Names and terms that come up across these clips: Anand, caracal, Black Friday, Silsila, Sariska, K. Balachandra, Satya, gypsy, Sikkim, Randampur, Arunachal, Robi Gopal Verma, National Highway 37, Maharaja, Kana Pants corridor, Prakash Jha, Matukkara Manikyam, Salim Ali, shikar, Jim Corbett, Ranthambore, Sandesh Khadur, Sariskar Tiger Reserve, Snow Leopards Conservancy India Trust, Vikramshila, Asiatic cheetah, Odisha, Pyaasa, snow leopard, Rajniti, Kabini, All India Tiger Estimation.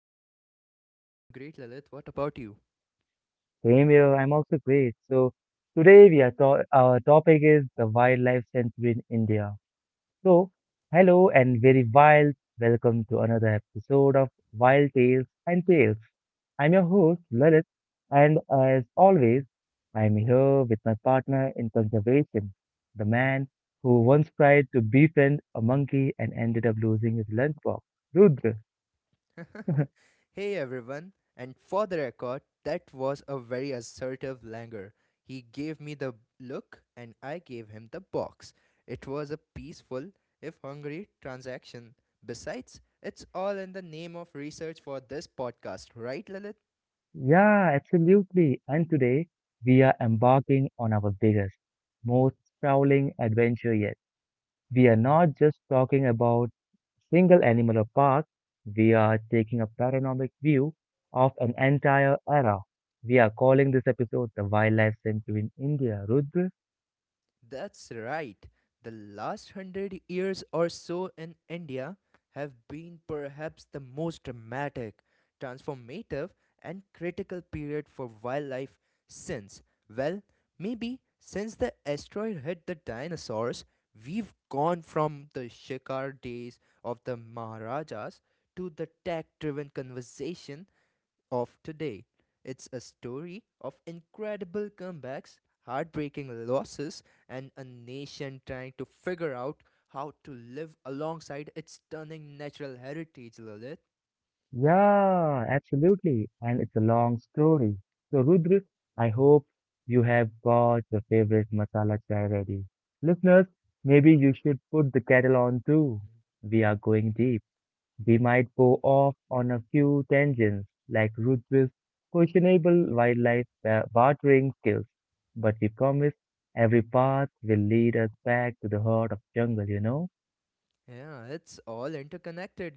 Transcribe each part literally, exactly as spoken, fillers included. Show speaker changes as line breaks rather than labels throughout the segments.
Rudra?
I'm great, Lilith. What about you?
Same here. I'm also great. So, today we are to- our topic is the wildlife sanctuary in India. So, hello and very wild welcome to another episode of Wild Tales and Tales. I'm your host Lalit, and as always, I'm here with my partner in conservation, the man who once tried to befriend a monkey and ended up losing his lunchbox, Rudra.
Hey, everyone. And for the record, that was a very assertive Langer. He gave me the look, and I gave him the box. It was a peaceful, if hungry, transaction. Besides, it's all in the name of research for this podcast, right, Lilith?
Yeah, absolutely. And today, we are embarking on our biggest, most sprawling adventure yet. We are not just talking about single animal or park, we are taking a panoramic view of an entire era. We are calling this episode the Wildlife Century in India. Rudra?
That's right. The last hundred years or so in India have been perhaps the most dramatic, transformative, and critical period for wildlife since, well, maybe since the asteroid hit the dinosaurs. We've gone from the shikar days of the Maharajas to the tech driven conversation of today. It's a story of incredible comebacks, heartbreaking losses, and a nation trying to figure out how to live alongside its stunning natural heritage, Lilith.
Yeah, absolutely. And it's a long story. So, Rudra, I hope you have got your favorite masala chai ready. Listeners, maybe you should put the kettle on too. We are going deep. We might go off on a few tangents, like Rutge's questionable wildlife ba- bartering skills, but we promise every path will lead us back to the heart of jungle, you know?
Yeah, it's all interconnected,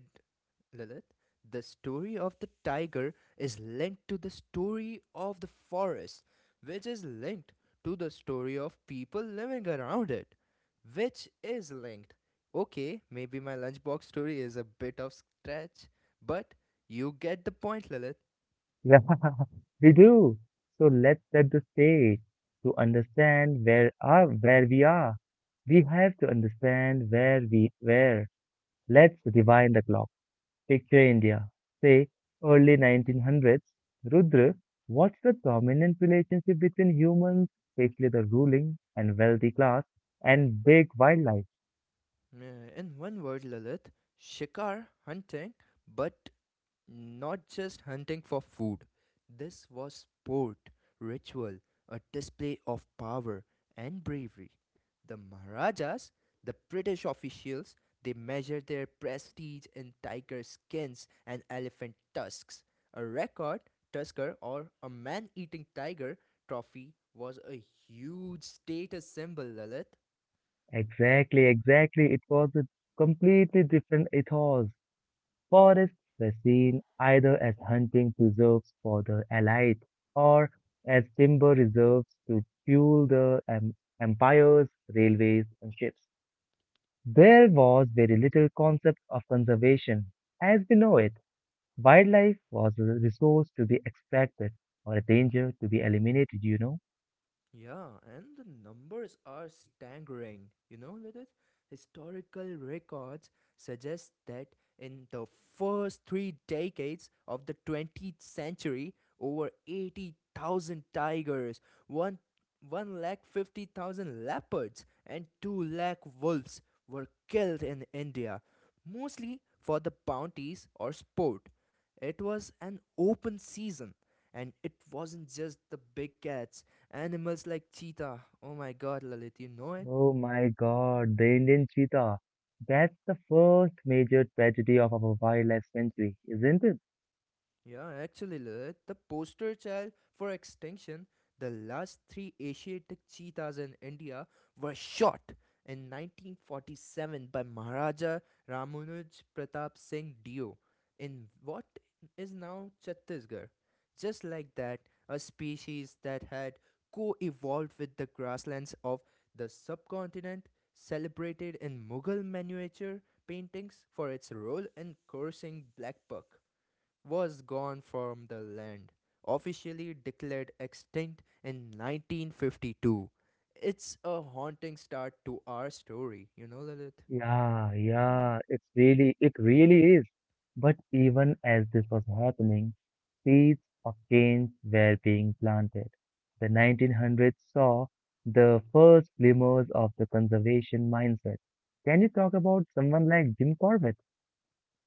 Lilith. The story of the tiger is linked to the story of the forest, which is linked to the story of people living around it, which is linked. Okay, maybe my lunchbox story is a bit of stretch, but you get the point, Lilith.
Yeah, we do. So let's set the stage to understand where are where we are. We have to understand where we were. Let's rewind the clock. Picture India, say early nineteen hundreds. Rudra, what's the dominant relationship between humans, especially the ruling and wealthy class, and big wildlife?
Yeah, in one word, Lilith, shikar hunting, but not just hunting for food, this was sport, ritual, a display of power and bravery. The Maharajas, the British officials, they measured their prestige in tiger skins and elephant tusks. A record tusker or a man eating tiger trophy was a huge status symbol, Lilith.
Exactly, exactly. It was a completely different ethos. Forests were seen either as hunting preserves for the elite or as timber reserves to fuel the em- empires, railways, and ships. There was very little concept of conservation as we know it. Wildlife was a resource to be extracted or a danger to be eliminated, you know.
Yeah, and the numbers are staggering, you know, Lilith. Historical records suggest that in the first three decades of the twentieth century, over eighty thousand tigers, one lakh fifty thousand leopards, and two lakh wolves were killed in India, mostly for the bounties or sport. It was an open season, and it wasn't just the big cats. Animals like cheetah. Oh my god, Lalit, you know it?
Oh my god, the Indian cheetah. That's the first major tragedy of our wildlife century, isn't it?
Yeah, actually, Lilith, the poster child for extinction, the last three Asiatic cheetahs in India were shot in nineteen forty-seven by Maharaja Ramunuj Pratap Singh Dio in what is now Chhattisgarh. Just like that, a species that had co evolved with the grasslands of the subcontinent, celebrated in Mughal miniature paintings for its role in coursing black buck was gone from the land, officially declared extinct in nineteen fifty-two. It's a haunting start to our story, you know, Lilith?
Yeah, yeah, it's really, it really is. But even as this was happening, seeds of change were being planted. The nineteen hundreds saw the first glimmers of the conservation mindset. Can you talk about someone like Jim Corbett?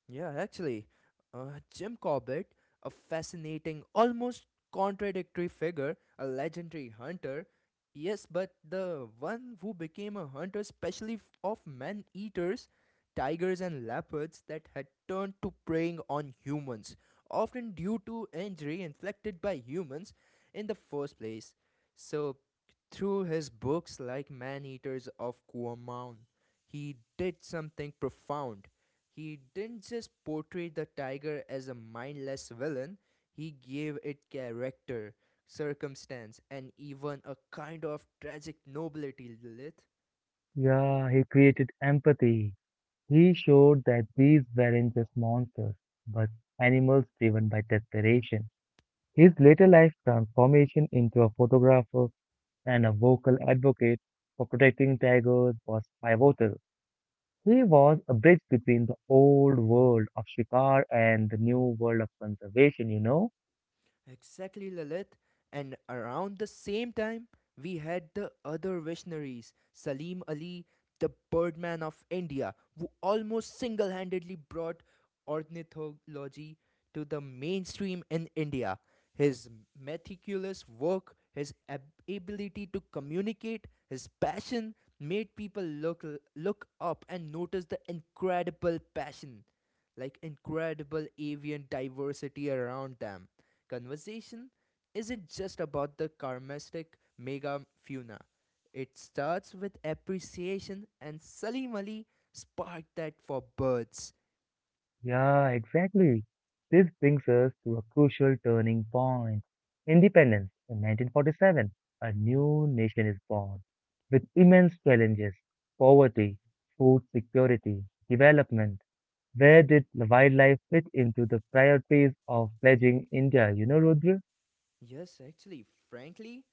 Yeah, actually, uh, Jim Corbett, a fascinating, almost contradictory figure, a legendary hunter. Yes, but the one who became a hunter specially f- of man eaters, tigers, and leopards that had turned to preying on humans, often due to injury inflicted by humans in the first place. So, through his books like Man Eaters of Kuomao, he did something profound. He didn't just portray the tiger as a mindless villain, he gave it character, circumstance, and even a kind of tragic nobility, Lilith.
Yeah, he created empathy. He showed that these weren't just monsters, but animals driven by desperation. His later life transformation into a photographer and a vocal advocate for protecting tigers was pivotal. He was a bridge between the old world of shikar and the new world of conservation, you know?
Exactly, Lilith. And around the same time, we had the other visionaries Salim Ali, the Birdman of India, who almost single handedly brought ornithology to the mainstream in India. His meticulous work, his ab- ability to communicate, his passion made people look look up and notice the incredible passion, like incredible avian diversity around them. Conversation isn't just about the karmistic mega funa. It starts with appreciation, and Salim Ali sparked that for birds.
Yeah, exactly. This brings us to a crucial turning point. Independence in nineteen forty-seven, a new nation is born with immense challenges, poverty, food security,
Mm.
development. Where did wildlife fit into the priorities of pledging India? You know, Rudra?
Yes, actually, frankly,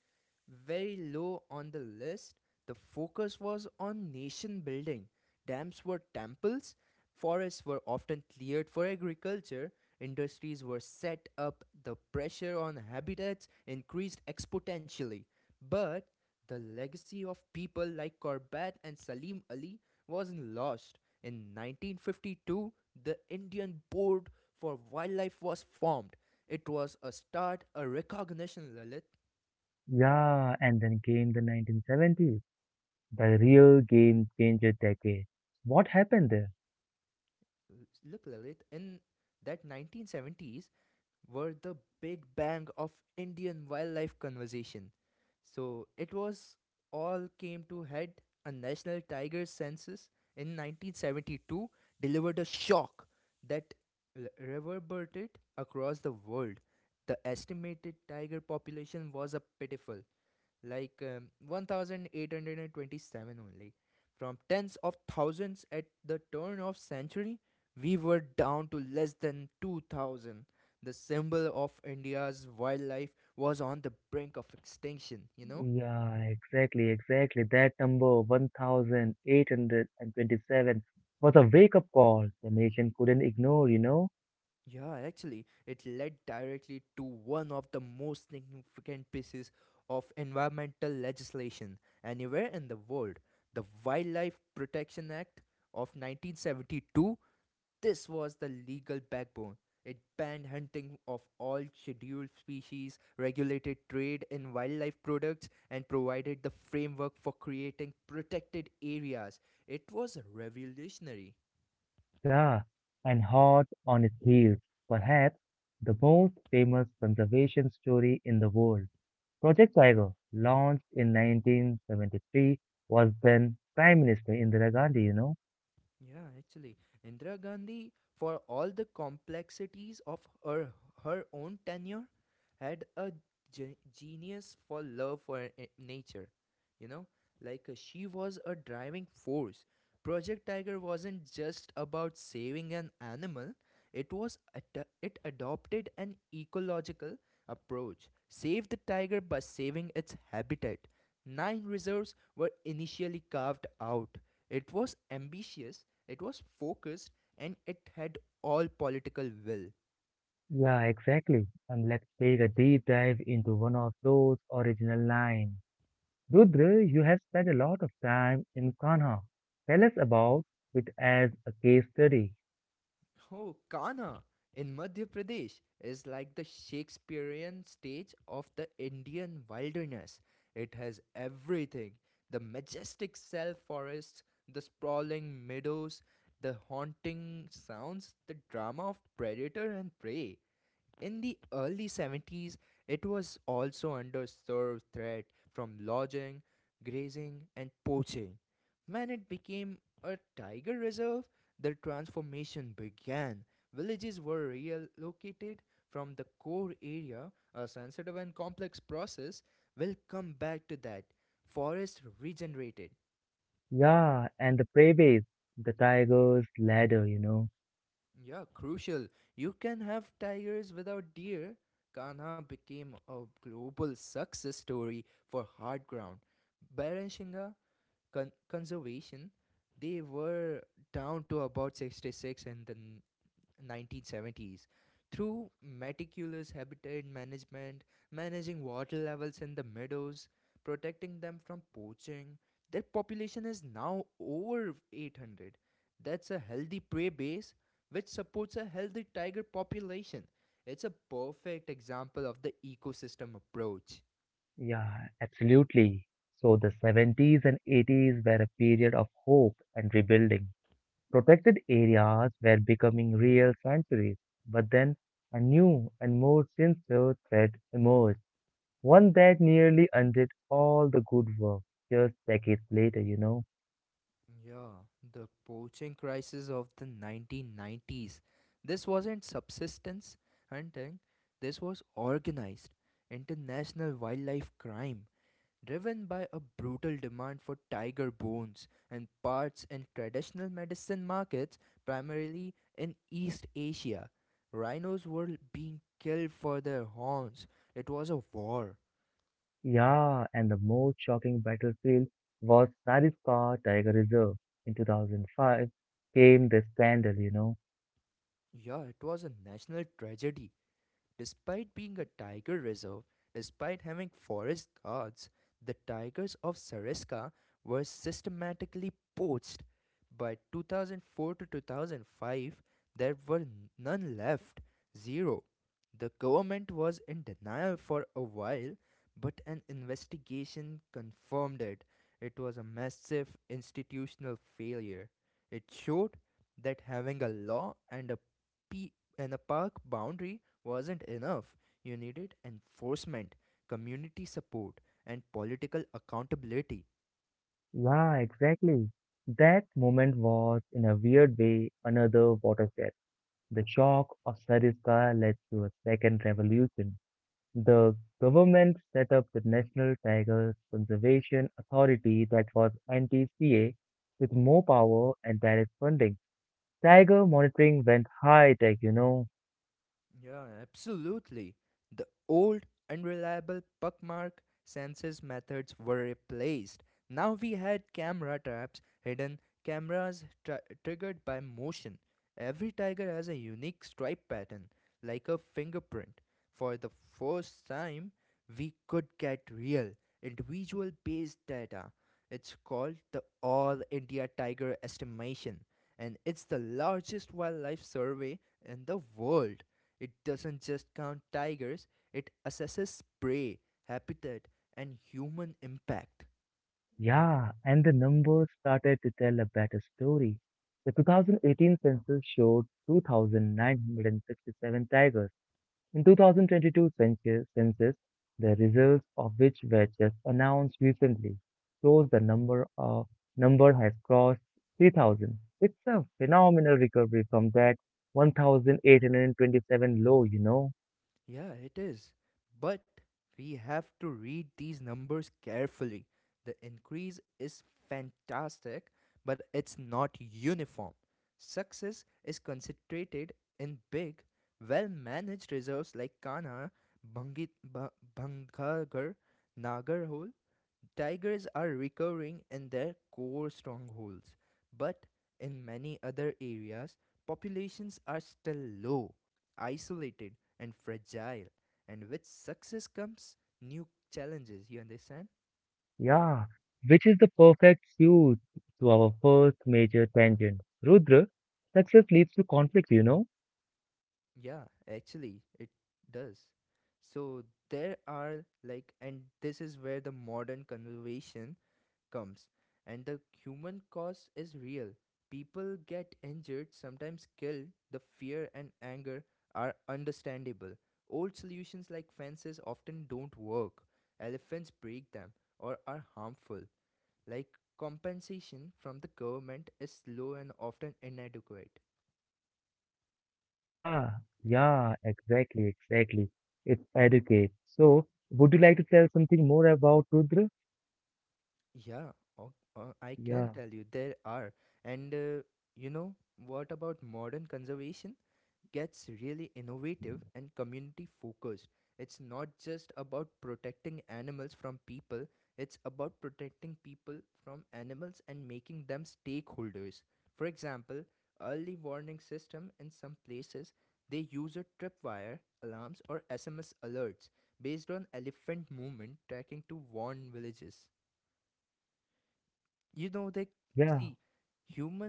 very low on the list. The focus was on nation building. Dams were temples, forests were often cleared for agriculture, industries were set up, the pressure on habitats increased exponentially. But the legacy of people like Corbett and Salim Ali wasn't lost. In nineteen fifty-two, the Indian Board for Wildlife was formed. It was a start, a recognition, Lalit.
Yeah, and then came the nineteen seventies, the real game changer decade. What happened there?
Look, Lalit, in that nineteen seventies were the big bang of Indian wildlife conservation. So it was all came to head. A national tiger census in nineteen seventy-two delivered a shock that l- reverberated across the world. The estimated tiger population was a pitiful like um, one thousand eight hundred twenty-seven only. From tens of thousands at the turn of century we were down to less than two thousand. The symbol of India's wildlife was on the brink of extinction you know
Yeah, exactly, exactly. That number, one thousand eight hundred twenty-seven, was a wake-up call the nation couldn't ignore, you know?
Yeah, actually it led directly to one of the most significant pieces of environmental legislation anywhere in the world, the Wildlife Protection Act of nineteen seventy-two. This was the legal backbone. It banned hunting of all scheduled species, regulated trade in wildlife products, and provided the framework for creating protected areas. It was revolutionary.
Yeah, and hot on its heels, perhaps the most famous conservation story in the world. Project Tiger, launched in nineteen seventy-three, was then Prime Minister Indira Gandhi, you know?
Yeah, actually, Indira Gandhi, for all the complexities of her, her own tenure, had a ge- genius for love for i- nature. You know, like uh, she was a driving force. Project Tiger wasn't just about saving an animal; it was ad- it adopted an ecological approach. Save the tiger by saving its habitat. Nine reserves were initially carved out. It was ambitious, it was focused, and it had all political will.
Yeah, exactly. And let's take a deep dive into one of those original lines. Rudra, you have spent a lot of time in Kanha. Tell us about it as a case study.
Oh, Kana in Madhya Pradesh is like the Shakespearean stage of the Indian wilderness. It has everything: the majestic self forests, the sprawling meadows, the haunting sounds, the drama of predator and prey. In the early seventies, it was also under serve threat from lodging, grazing, and poaching. When it became a tiger reserve, the transformation began. Villages were relocated from the core area, a sensitive and complex process. We'll come back to that. Forests regenerated.
Yeah, and the prey base, the tiger's ladder, you know.
Yeah, crucial. You can have tigers without deer. Kanha became a global success story for hard ground. Beranshinga con- conservation, they were down to about sixty-six in the n- nineteen seventies. Through meticulous habitat management, managing water levels in the meadows, protecting them from poaching, their population is now over eight hundred. That's a healthy prey base which supports a healthy tiger population. It's a perfect example of the ecosystem approach.
Yeah, absolutely. So the seventies and eighties were a period of hope and rebuilding. Protected areas were becoming real sanctuaries, but then a new and more sinister threat emerged. One that nearly undid all the good work just decades later, you know.
Yeah, the poaching crisis of the nineteen nineties. This wasn't subsistence hunting, this was organized international wildlife crime driven by a brutal demand for tiger bones and parts in traditional medicine markets, primarily in East Asia. Rhinos were being killed for their horns. It was a war.
Yeah, and the most shocking battlefield was Sariskar Tiger Reserve. In two thousand five came the scandal, you know.
Yeah, it was a national tragedy. Despite being a tiger reserve, despite having forest guards, the tigers of Sariska were systematically poached. By two thousand four to two thousand five, there were none left, zero. The government was in denial for a while, but an investigation confirmed it. It was a massive institutional failure. It showed that having a law and a pe- and a park boundary wasn't enough. You needed enforcement, community support, and political accountability.
Yeah, exactly. That moment was, in a weird way, another watershed. The shock of Sariskar led to a second revolution. The government set up the National Tiger Conservation Authority, that was N T C A, with more power and direct funding. Tiger monitoring went high tech, you know.
Yeah, absolutely. The old, unreliable puckmark census methods were replaced. Now we had camera traps, hidden cameras tri- triggered by motion. Every tiger has a unique stripe pattern, like a fingerprint. For the first time, we could get real, individual based data. It's called the All India Tiger Estimation, and it's the largest wildlife survey in the world. It doesn't just count tigers, it assesses prey, habitat, and human impact.
Yeah, and the numbers started to tell a better story. The two thousand eighteen census showed two thousand nine hundred sixty-seven tigers. In twenty twenty-two census, census, the results of which were just announced recently, shows the number of number has crossed three thousand. It's a phenomenal recovery from that one thousand eight hundred twenty-seven low, you know.
Yeah, it is. But we have to read these numbers carefully. The increase is fantastic, but it's not uniform. Success is concentrated in big, well managed reserves like Kana, Bangit, ba- Bangkagar, Nagarhole. Tigers are recovering in their core strongholds, but in many other areas, populations are still low, isolated and fragile. And with success comes new challenges. You understand?
Yeah, which is the perfect suit to our first major tangent. Rudra, success leads to conflict, you know.
Yeah, actually, it does. So there are like, and this is where the modern conservation comes. And the human cost is real. People get injured, sometimes killed. The fear and anger are understandable. Old solutions like fences often don't work. Elephants break them or are harmful. Like compensation from the government is low and often inadequate.
Yeah, yeah, exactly, exactly. It's educates. So, would you like to tell something more about Rudra?
Yeah, o- uh, I can
Yeah,
tell you there are. And uh, you know, what about modern conservation? Gets really innovative and community focused. It's not just about protecting animals from people, it's about protecting people from animals and making them stakeholders. For example, early warning system in some places, they use a tripwire, alarms or S M S alerts based on elephant movement tracking to warn villages you know they
yeah,
See,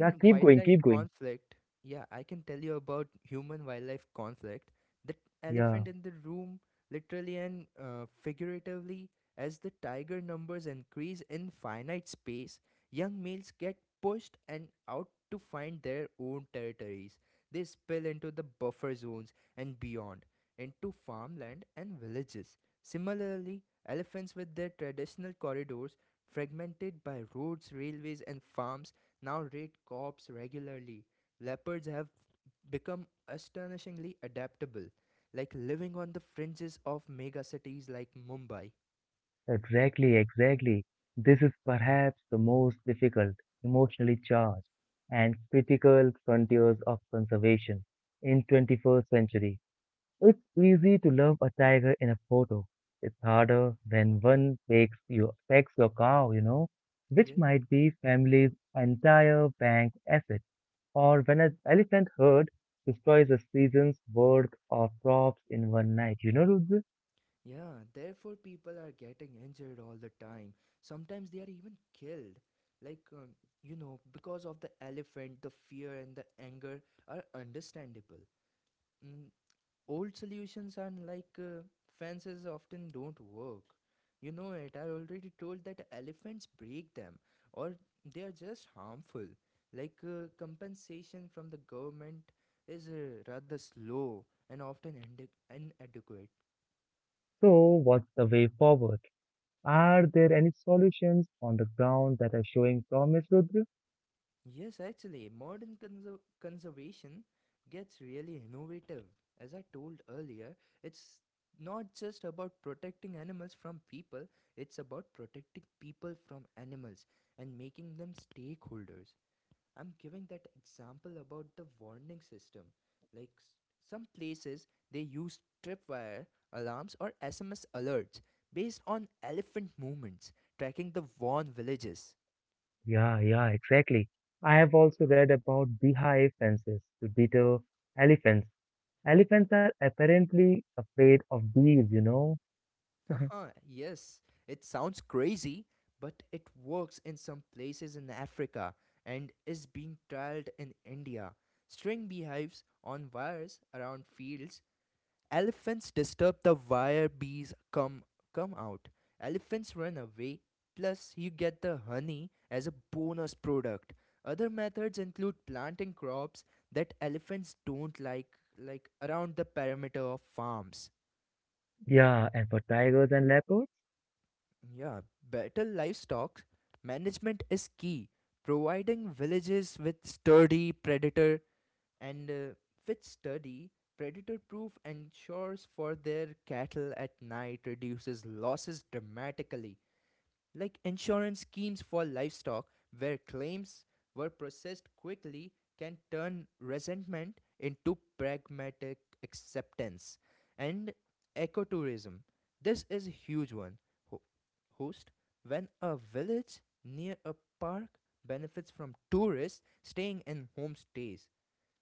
yeah, keep going,
wildlife
keep going.
conflict. Yeah, I can tell you about human wildlife conflict, the
Yeah,
elephant in the room, literally and uh, figuratively. As the tiger numbers increase in finite space, young males get pushed and out to find their own territories. They spill into the buffer zones and beyond, into farmland and villages. Similarly, elephants with their traditional corridors fragmented by roads, railways, and farms now raid crops regularly. Leopards have become astonishingly adaptable, like living on the fringes of megacities like Mumbai.
exactly, exactly. This is perhaps the most difficult, emotionally charged, and critical frontiers of conservation in twenty-first century. It's easy to love a tiger in a photo. It's harder when one takes your, takes your cow, you know, which
Yes.
might be family's entire bank asset. Or when an elephant herd destroys a season's worth of crops in one night. You know, Rudra?
Yeah, therefore people are getting injured all the time. Sometimes they are even killed. Like, um, you know, because of the elephant, the fear and the anger are understandable. Mm, old solutions are like uh, fences often don't work. You know it, I already told that elephants break them or they are just harmful. Like, uh, compensation from the government is uh, rather slow and often inde- inadequate.
So, what's the way forward? Are there any solutions on the ground that are showing promise, Rudra?
Yes, actually, modern conser- conservation gets really innovative. As I told earlier, it's not just about protecting animals from people, it's about protecting people from animals and making them stakeholders. I'm giving that example about the warning system. Like s- some places, they use tripwire alarms or S M S alerts based on elephant movements, tracking the warned villages.
Yeah, yeah, exactly. I have also read about beehive fences to deter elephants. Elephants are apparently afraid of bees, you know?
Haha, yes, it sounds crazy, but it works in some places in Africa and is being trialed in India. String beehives on wires around fields. Elephants disturb the wire bees come come out. Elephants run away. Plus, you get the honey as a bonus product. Other methods include planting crops that elephants don't like, like around the perimeter of farms.
Yeah, and for tigers and leopards?
Yeah, better livestock management is key. Providing villages with sturdy predator and uh, with sturdy predator proof ensures for their cattle at night reduces losses dramatically. Like insurance schemes for livestock, where claims were processed quickly, can turn resentment into pragmatic acceptance. And ecotourism. This is a huge one. Ho- Host, when a village near a park benefits from tourists staying in homestays,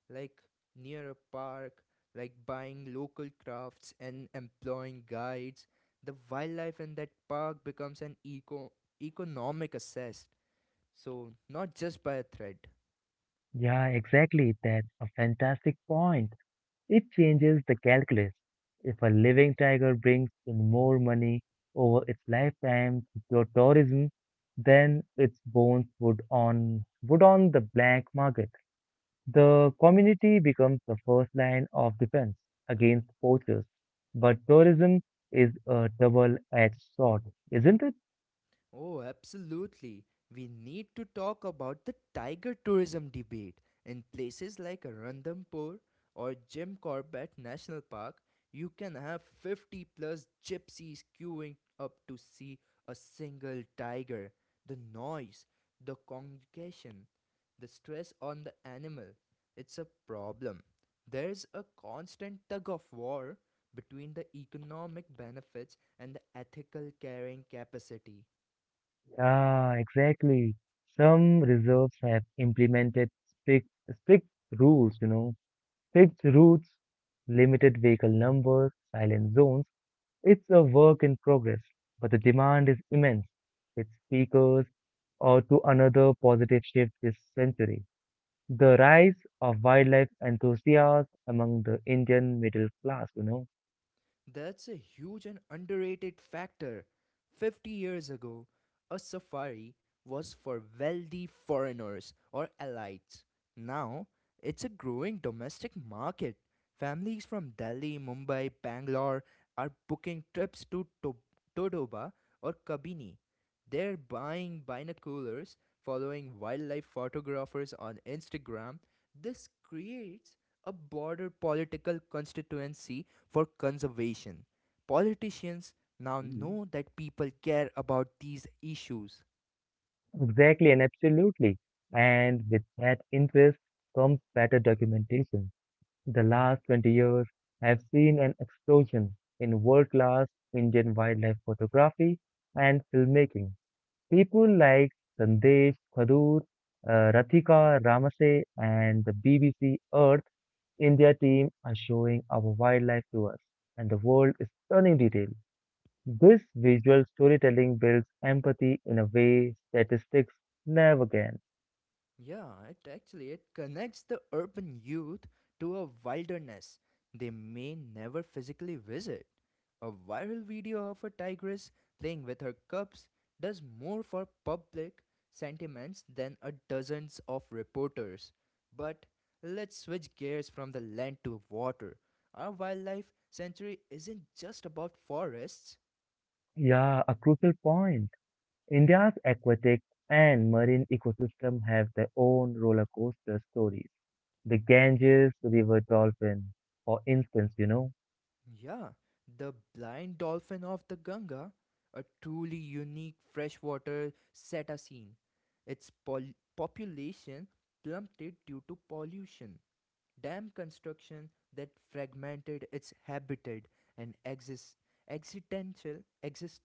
like near a park, like buying local crafts and employing guides. The wildlife in that park becomes an eco economic asset. So not just by a threat.
Yeah, exactly. That's a fantastic point. It changes the calculus. If a living tiger brings in more money over its lifetime through tourism then its bones would on would on the black market, the community becomes the first line of defense against poachers. But tourism is a double-edged sword, isn't it?
Oh, absolutely. We need to talk about the tiger tourism debate. In places like Randampur or Jim Corbett National Park, you can have fifty plus gypsies queuing up to see a single tiger. The noise, the congregation, the stress on the animal, it's a problem. There's a constant tug of war between the economic benefits and the ethical carrying capacity.
Ah, exactly. Some reserves have implemented strict strict rules, you know, fixed routes, limited vehicle numbers, silent zones. It's a work in progress, but the demand is immense. With speakers or to another positive shift this century. The rise of wildlife enthusiasts among the Indian middle class, you know.
That's a huge and underrated factor. fifty years ago, a safari was for wealthy foreigners or elites. Now, it's a growing domestic market. Families from Delhi, Mumbai, Bangalore are booking trips to Tob- Todoba or Kabini, they're buying binoculars, following wildlife photographers on Instagram. This creates a broader political constituency for conservation. Politicians now
Mm.
know that people care about these issues.
Exactly and absolutely. And with that interest comes better documentation. The last twenty years have seen an explosion in world class Indian wildlife photography and filmmaking. People like Sandesh Khadur, uh, Rathika Ramase, and the B B C Earth India team are showing our wildlife to us and the world is stunning detail. This visual storytelling builds empathy in a way statistics never can.
Yeah, it actually it connects the urban youth to a wilderness they may never physically visit. A viral video of a tigress playing with her cubs does more for public sentiments than a dozens of reporters. But let's switch gears from the land to water. Our wildlife sanctuary isn't just about forests.
Yeah, a crucial point. India's aquatic and marine ecosystem have their own roller coaster stories. The Ganges River dolphin, for instance, you know.
Yeah, the blind dolphin of the Ganga, a truly unique freshwater cetacean. Its pol- population plummeted due to pollution, dam construction that fragmented its habitat, and exis- accidental, exist-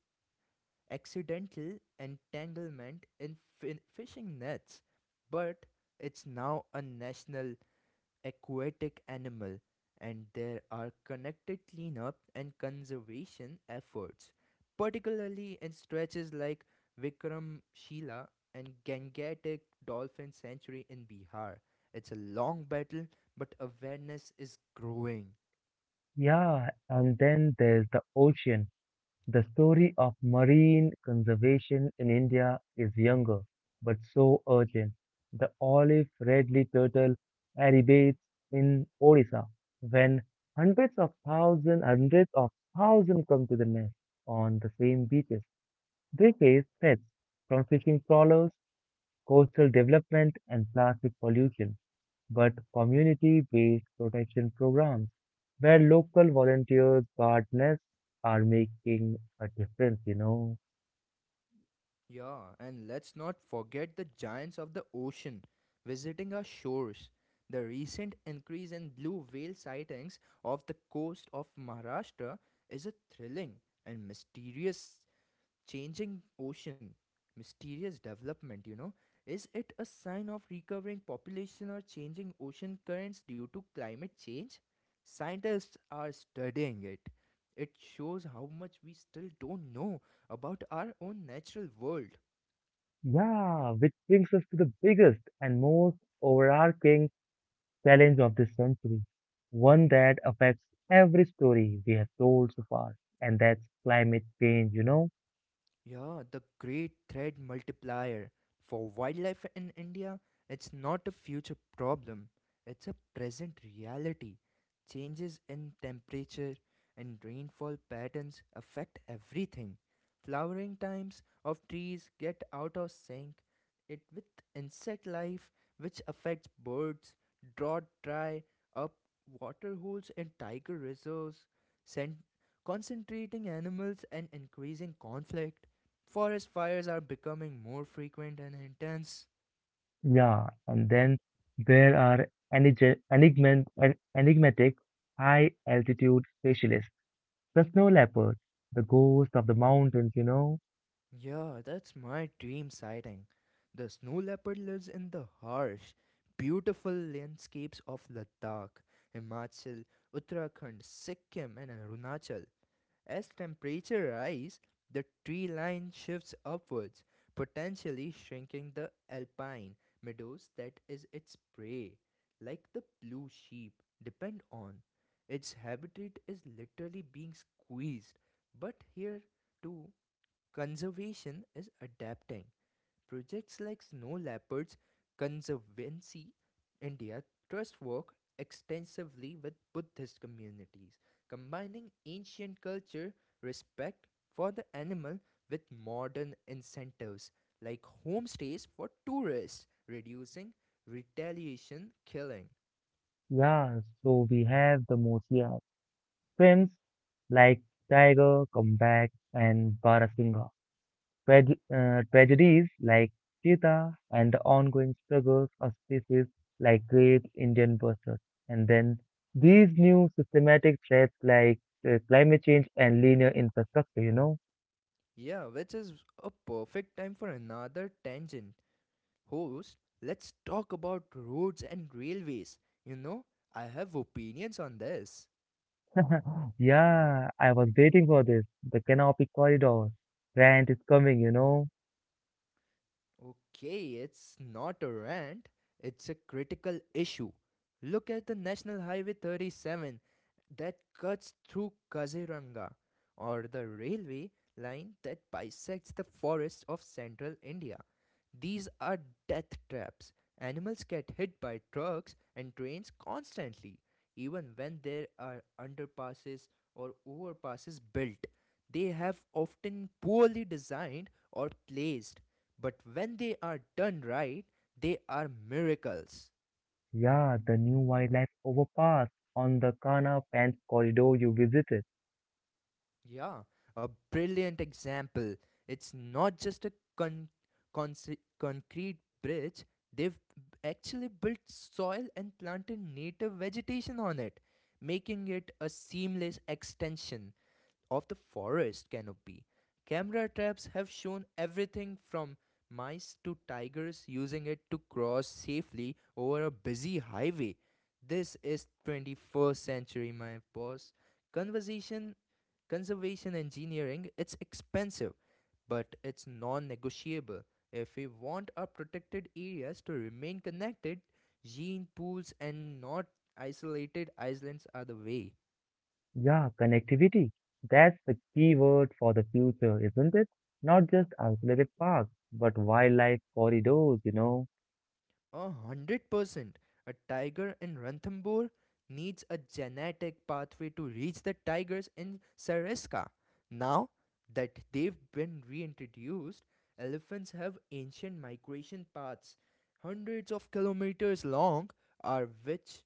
accidental entanglement in fin- fishing nets. But it's now a national aquatic animal, and there are connected cleanup and conservation efforts, particularly in stretches like Vikramshila and Gangetic Dolphin Sanctuary in Bihar. It's a long battle, but awareness is growing.
Yeah, and then there's the ocean. The story of marine conservation in India is younger, but so urgent. The olive redly turtle arribates in Odisha, when hundreds of thousands, hundreds of thousands come to the nest on the same beaches. They face threats from fishing trawlers, coastal development, and plastic pollution, but community-based protection programs where local volunteers guard nests are making a difference, you know.
Yeah, and let's not forget the giants of the ocean visiting our shores. The recent increase in blue whale sightings off the coast of Maharashtra is a thrilling and mysterious changing ocean. Mysterious development, you know. Is it a sign of recovering population or changing ocean currents due to climate change? Scientists are studying it. It shows how much we still don't know about our own natural world.
Yeah, which brings us to the biggest and most overarching challenge of this century, one that affects every story we have told so far, and that's climate change, you know.
Yeah, the great threat multiplier for wildlife in India, it's not a future problem, it's a present reality. Changes in temperature and rainfall patterns affect everything. Flowering times of trees get out of sync it with insect life, which affects birds, drought dry up water holes and tiger reserves, sent concentrating animals and increasing conflict. Forest fires are becoming more frequent and intense.
Yeah, and then there are enige- enigma- en- enigmatic high altitude specialists, the snow leopard, the ghost of the mountains, you know.
Yeah, that's my dream sighting. The snow leopard lives in the harsh, beautiful landscapes of Ladakh, Himachal, Uttarakhand, Sikkim, and Arunachal. As temperature rise, the tree line shifts upwards, potentially shrinking the alpine meadows that is its prey. Like the blue sheep depend on, its habitat is literally being squeezed. But here too, conservation is adapting. Projects like Snow Leopards Conservancy India Trust work extensively with Buddhist communities, combining ancient culture respect for the animal with modern incentives like homestays for tourists, reducing retaliation killing.
Yeah, so we have the most yeah, films like Tiger, Comeback, and Barasingh. Trage- uh, tragedies like Cheetah and the ongoing struggles of species like great Indian bustard. And then these new systematic threats like uh, climate change and linear infrastructure, you know?
Yeah, which is a perfect time for another tangent. Host, let's talk about roads and railways. You know, I have opinions on this.
Yeah, I was waiting for this. The canopy corridor. Grant is coming, you know?
Okay, it's not a rant, it's a critical issue. Look at the National Highway thirty-seven that cuts through Kaziranga, or the railway line that bisects the forests of central India. These are death traps. Animals get hit by trucks and trains constantly, even when there are underpasses or overpasses built. They have often poorly designed or placed, but when they are done right, they are miracles.
Yeah, the new wildlife overpass on the Kana Pants corridor you visited.
Yeah, a brilliant example. It's not just a con- conce- concrete bridge, they've actually built soil and planted native vegetation on it, making it a seamless extension of the forest canopy. Camera traps have shown everything from mice to tigers using it to cross safely over a busy highway. This is twenty-first century, my boss. Conservation, conservation engineering, it's expensive, but it's non-negotiable. If we want our protected areas to remain connected, gene pools and not isolated islands are the way.
Yeah, connectivity. That's the key word for the future, isn't it? Not just isolated parks, but wildlife corridors, you know.
A hundred percent. A tiger in Ranthambore needs a genetic pathway to reach the tigers in Sariska. Now that they've been reintroduced, elephants have ancient migration paths, hundreds of kilometers long, are which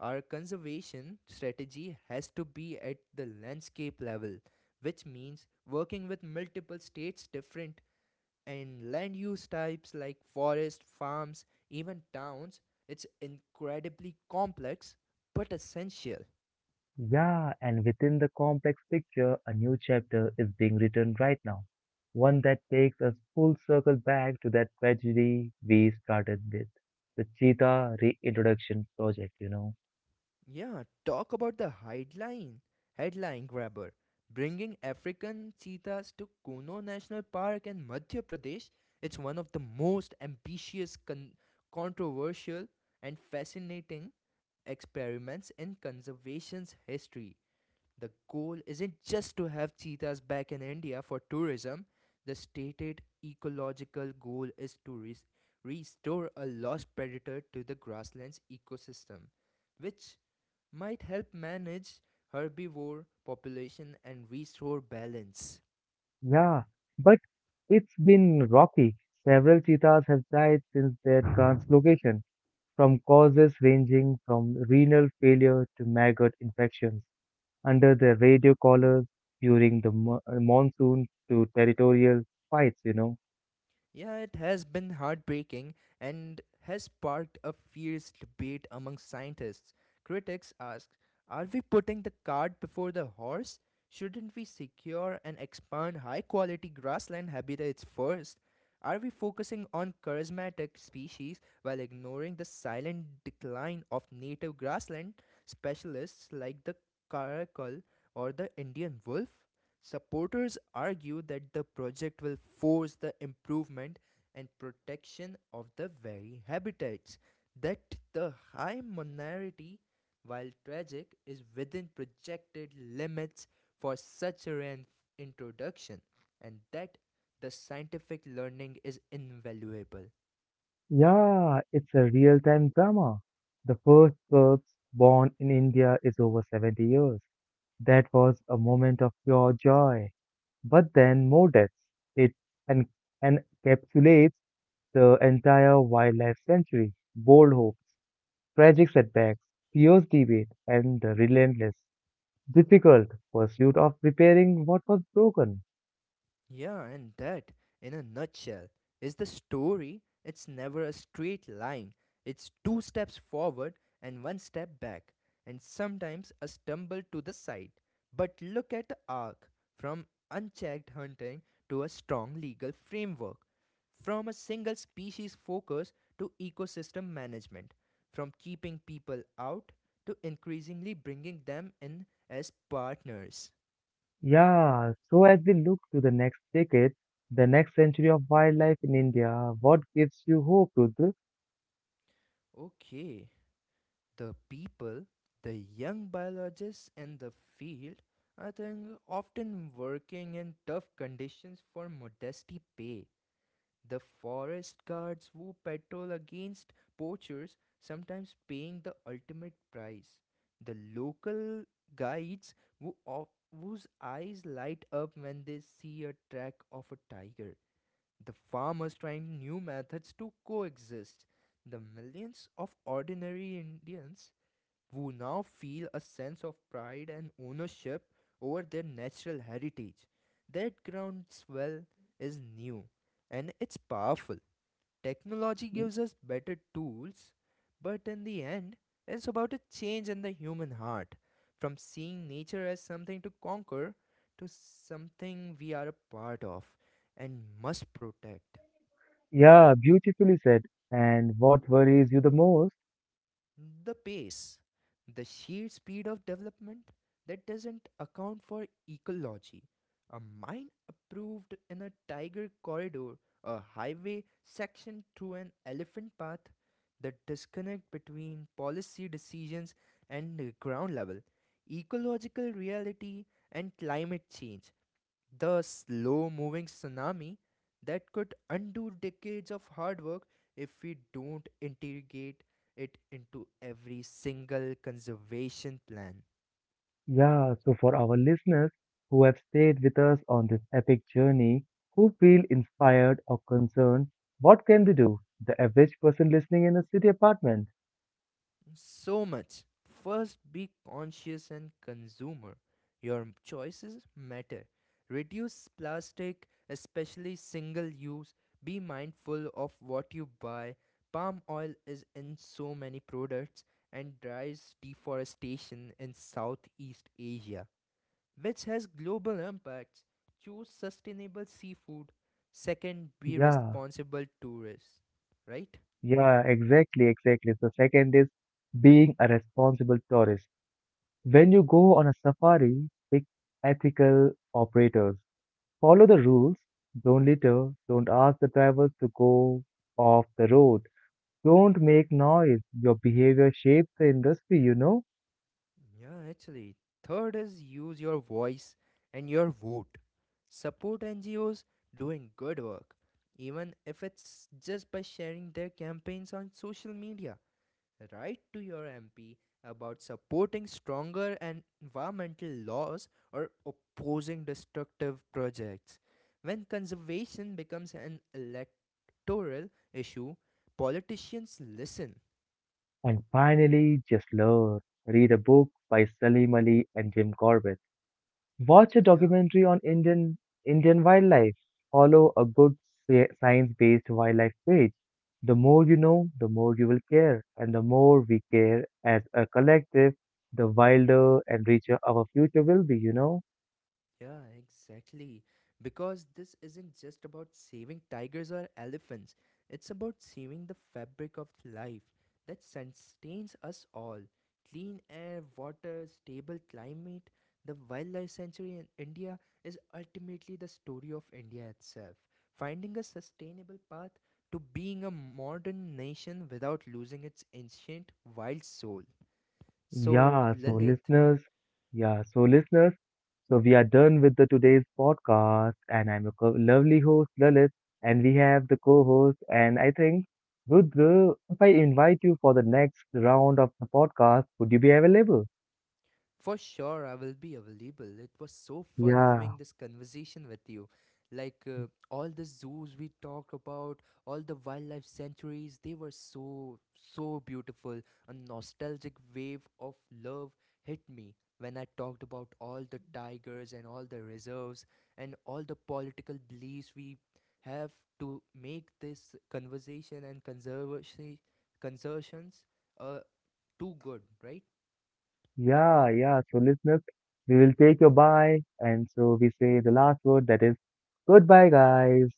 our conservation strategy has to be at the landscape level, which means working with multiple states, different and land use types like forest, farms, even towns. It's incredibly complex but essential.
Yeah, and within the complex picture, a new chapter is being written right now. One that takes us full circle back to that tragedy we started with, the cheetah reintroduction project, you know.
Yeah, talk about the headline, headline grabber. Bringing African cheetahs to Kuno National Park in Madhya Pradesh, it's one of the most ambitious, con- controversial, and fascinating experiments in conservation's history. The goal isn't just to have cheetahs back in India for tourism. The stated ecological goal is to res- restore a lost predator to the grasslands ecosystem, which might help manage herbivore population and restore balance.
Yeah, but it's been rocky. Several cheetahs have died since their translocation from causes ranging from renal failure to maggot infections under the radio collars during the mo- uh, monsoon to territorial fights, you know.
Yeah, it has been heartbreaking and has sparked a fierce debate among scientists. Critics ask, are we putting the cart before the horse? Shouldn't we secure and expand high quality grassland habitats first? Are we focusing on charismatic species while ignoring the silent decline of native grassland specialists like the caracal or the Indian wolf? Supporters argue that the project will force the improvement and protection of the very habitats that the high minority, while tragic, is within projected limits for such a reintroduction, and that the scientific learning is invaluable.
Yeah, it's a real time drama. The first corpse born in India is over seventy years. That was a moment of pure joy. But then more deaths. It en- encapsulates the entire wildlife century. Bold hope, tragic setbacks, fierce debate, and the relentless, difficult pursuit of repairing what was broken.
Yeah, and that, in a nutshell, is the story. It's never a straight line, it's two steps forward and one step back, and sometimes a stumble to the side. But look at the arc from unchecked hunting to a strong legal framework, from a single species focus to ecosystem management, from keeping people out to increasingly bringing them in as partners.
Yeah, so as we look to the next decade, the next century of wildlife in India, what gives you hope, Rudra?
Okay, the people, the young biologists in the field, I think often working in tough conditions for modesty pay. The forest guards who patrol against poachers, sometimes paying the ultimate price. The local guides who of, whose eyes light up when they see a track of a tiger. The farmers trying new methods to coexist. The millions of ordinary Indians who now feel a sense of pride and ownership over their natural heritage. That groundswell is new and it's powerful. Technology gives us better tools, but in the end, it's about a change in the human heart from seeing nature as something to conquer to something we are a part of and must protect.
Yeah, beautifully said. And what worries you the most?
The pace, the sheer speed of development that doesn't account for ecology. A mine approved in a tiger corridor, a highway section through an elephant path, the disconnect between policy decisions and the ground level, ecological reality, and climate change, the slow moving tsunami that could undo decades of hard work if we don't integrate it into every single conservation plan.
Yeah, so for our listeners who have stayed with us on this epic journey, who feel inspired or concerned, what can they do? The average person listening in a city apartment.
So much. First, be conscious and consumer. Your choices matter. Reduce plastic, especially single use. Be mindful of what you buy. Palm oil is in so many products and drives deforestation in Southeast Asia, which has global impacts. Choose sustainable seafood. Second, be
Yeah,
responsible tourists, right?
Yeah, exactly, exactly. The second is being a responsible tourist. When you go on a safari, pick ethical operators. Follow the rules. Don't litter. Don't ask the drivers to go off the road. Don't make noise. Your behavior shapes the industry, you know?
Yeah, actually. Third is use your voice and your vote. Support N G Os doing good work, even if it's just by sharing their campaigns on social media. Write to your M P about supporting stronger and environmental laws or opposing destructive projects. When conservation becomes an electoral issue, politicians listen.
And finally, just learn. Read a book by Salim Ali and Jim Corbett. Watch a
Yeah.
documentary on Indian Indian wildlife. Follow a good sci- science-based wildlife page. The more you know, the more you will care, and the more we care as a collective, the wilder and richer our future will be, you know?
Yeah, exactly. Because this isn't just about saving tigers or elephants, it's about saving the fabric of life that sustains us all. Clean air, water, stable climate, the wildlife sanctuary in India is ultimately the story of India itself, finding a sustainable path to being a modern nation without losing its ancient wild soul. So,
Yeah, so
Lilith,
listeners, yeah, so listeners, so we are done with the today's podcast, and I'm your co- lovely host Lalit, and we have the co-host, and I think Rudra, if I invite you for the next round of the podcast, would you be available?
for sure, I will be available. It was so fun
Yeah,
having this conversation with you. Like uh, all the zoos we talked about, all the wildlife sanctuaries, they were so, so beautiful. A nostalgic wave of love hit me when I talked about all the tigers and all the reserves and all the political beliefs we have to make this conversation and conservation conservations uh, too good, right?
yeah, yeah. So listeners, we will take your bye, and so we say the last word that is goodbye, guys.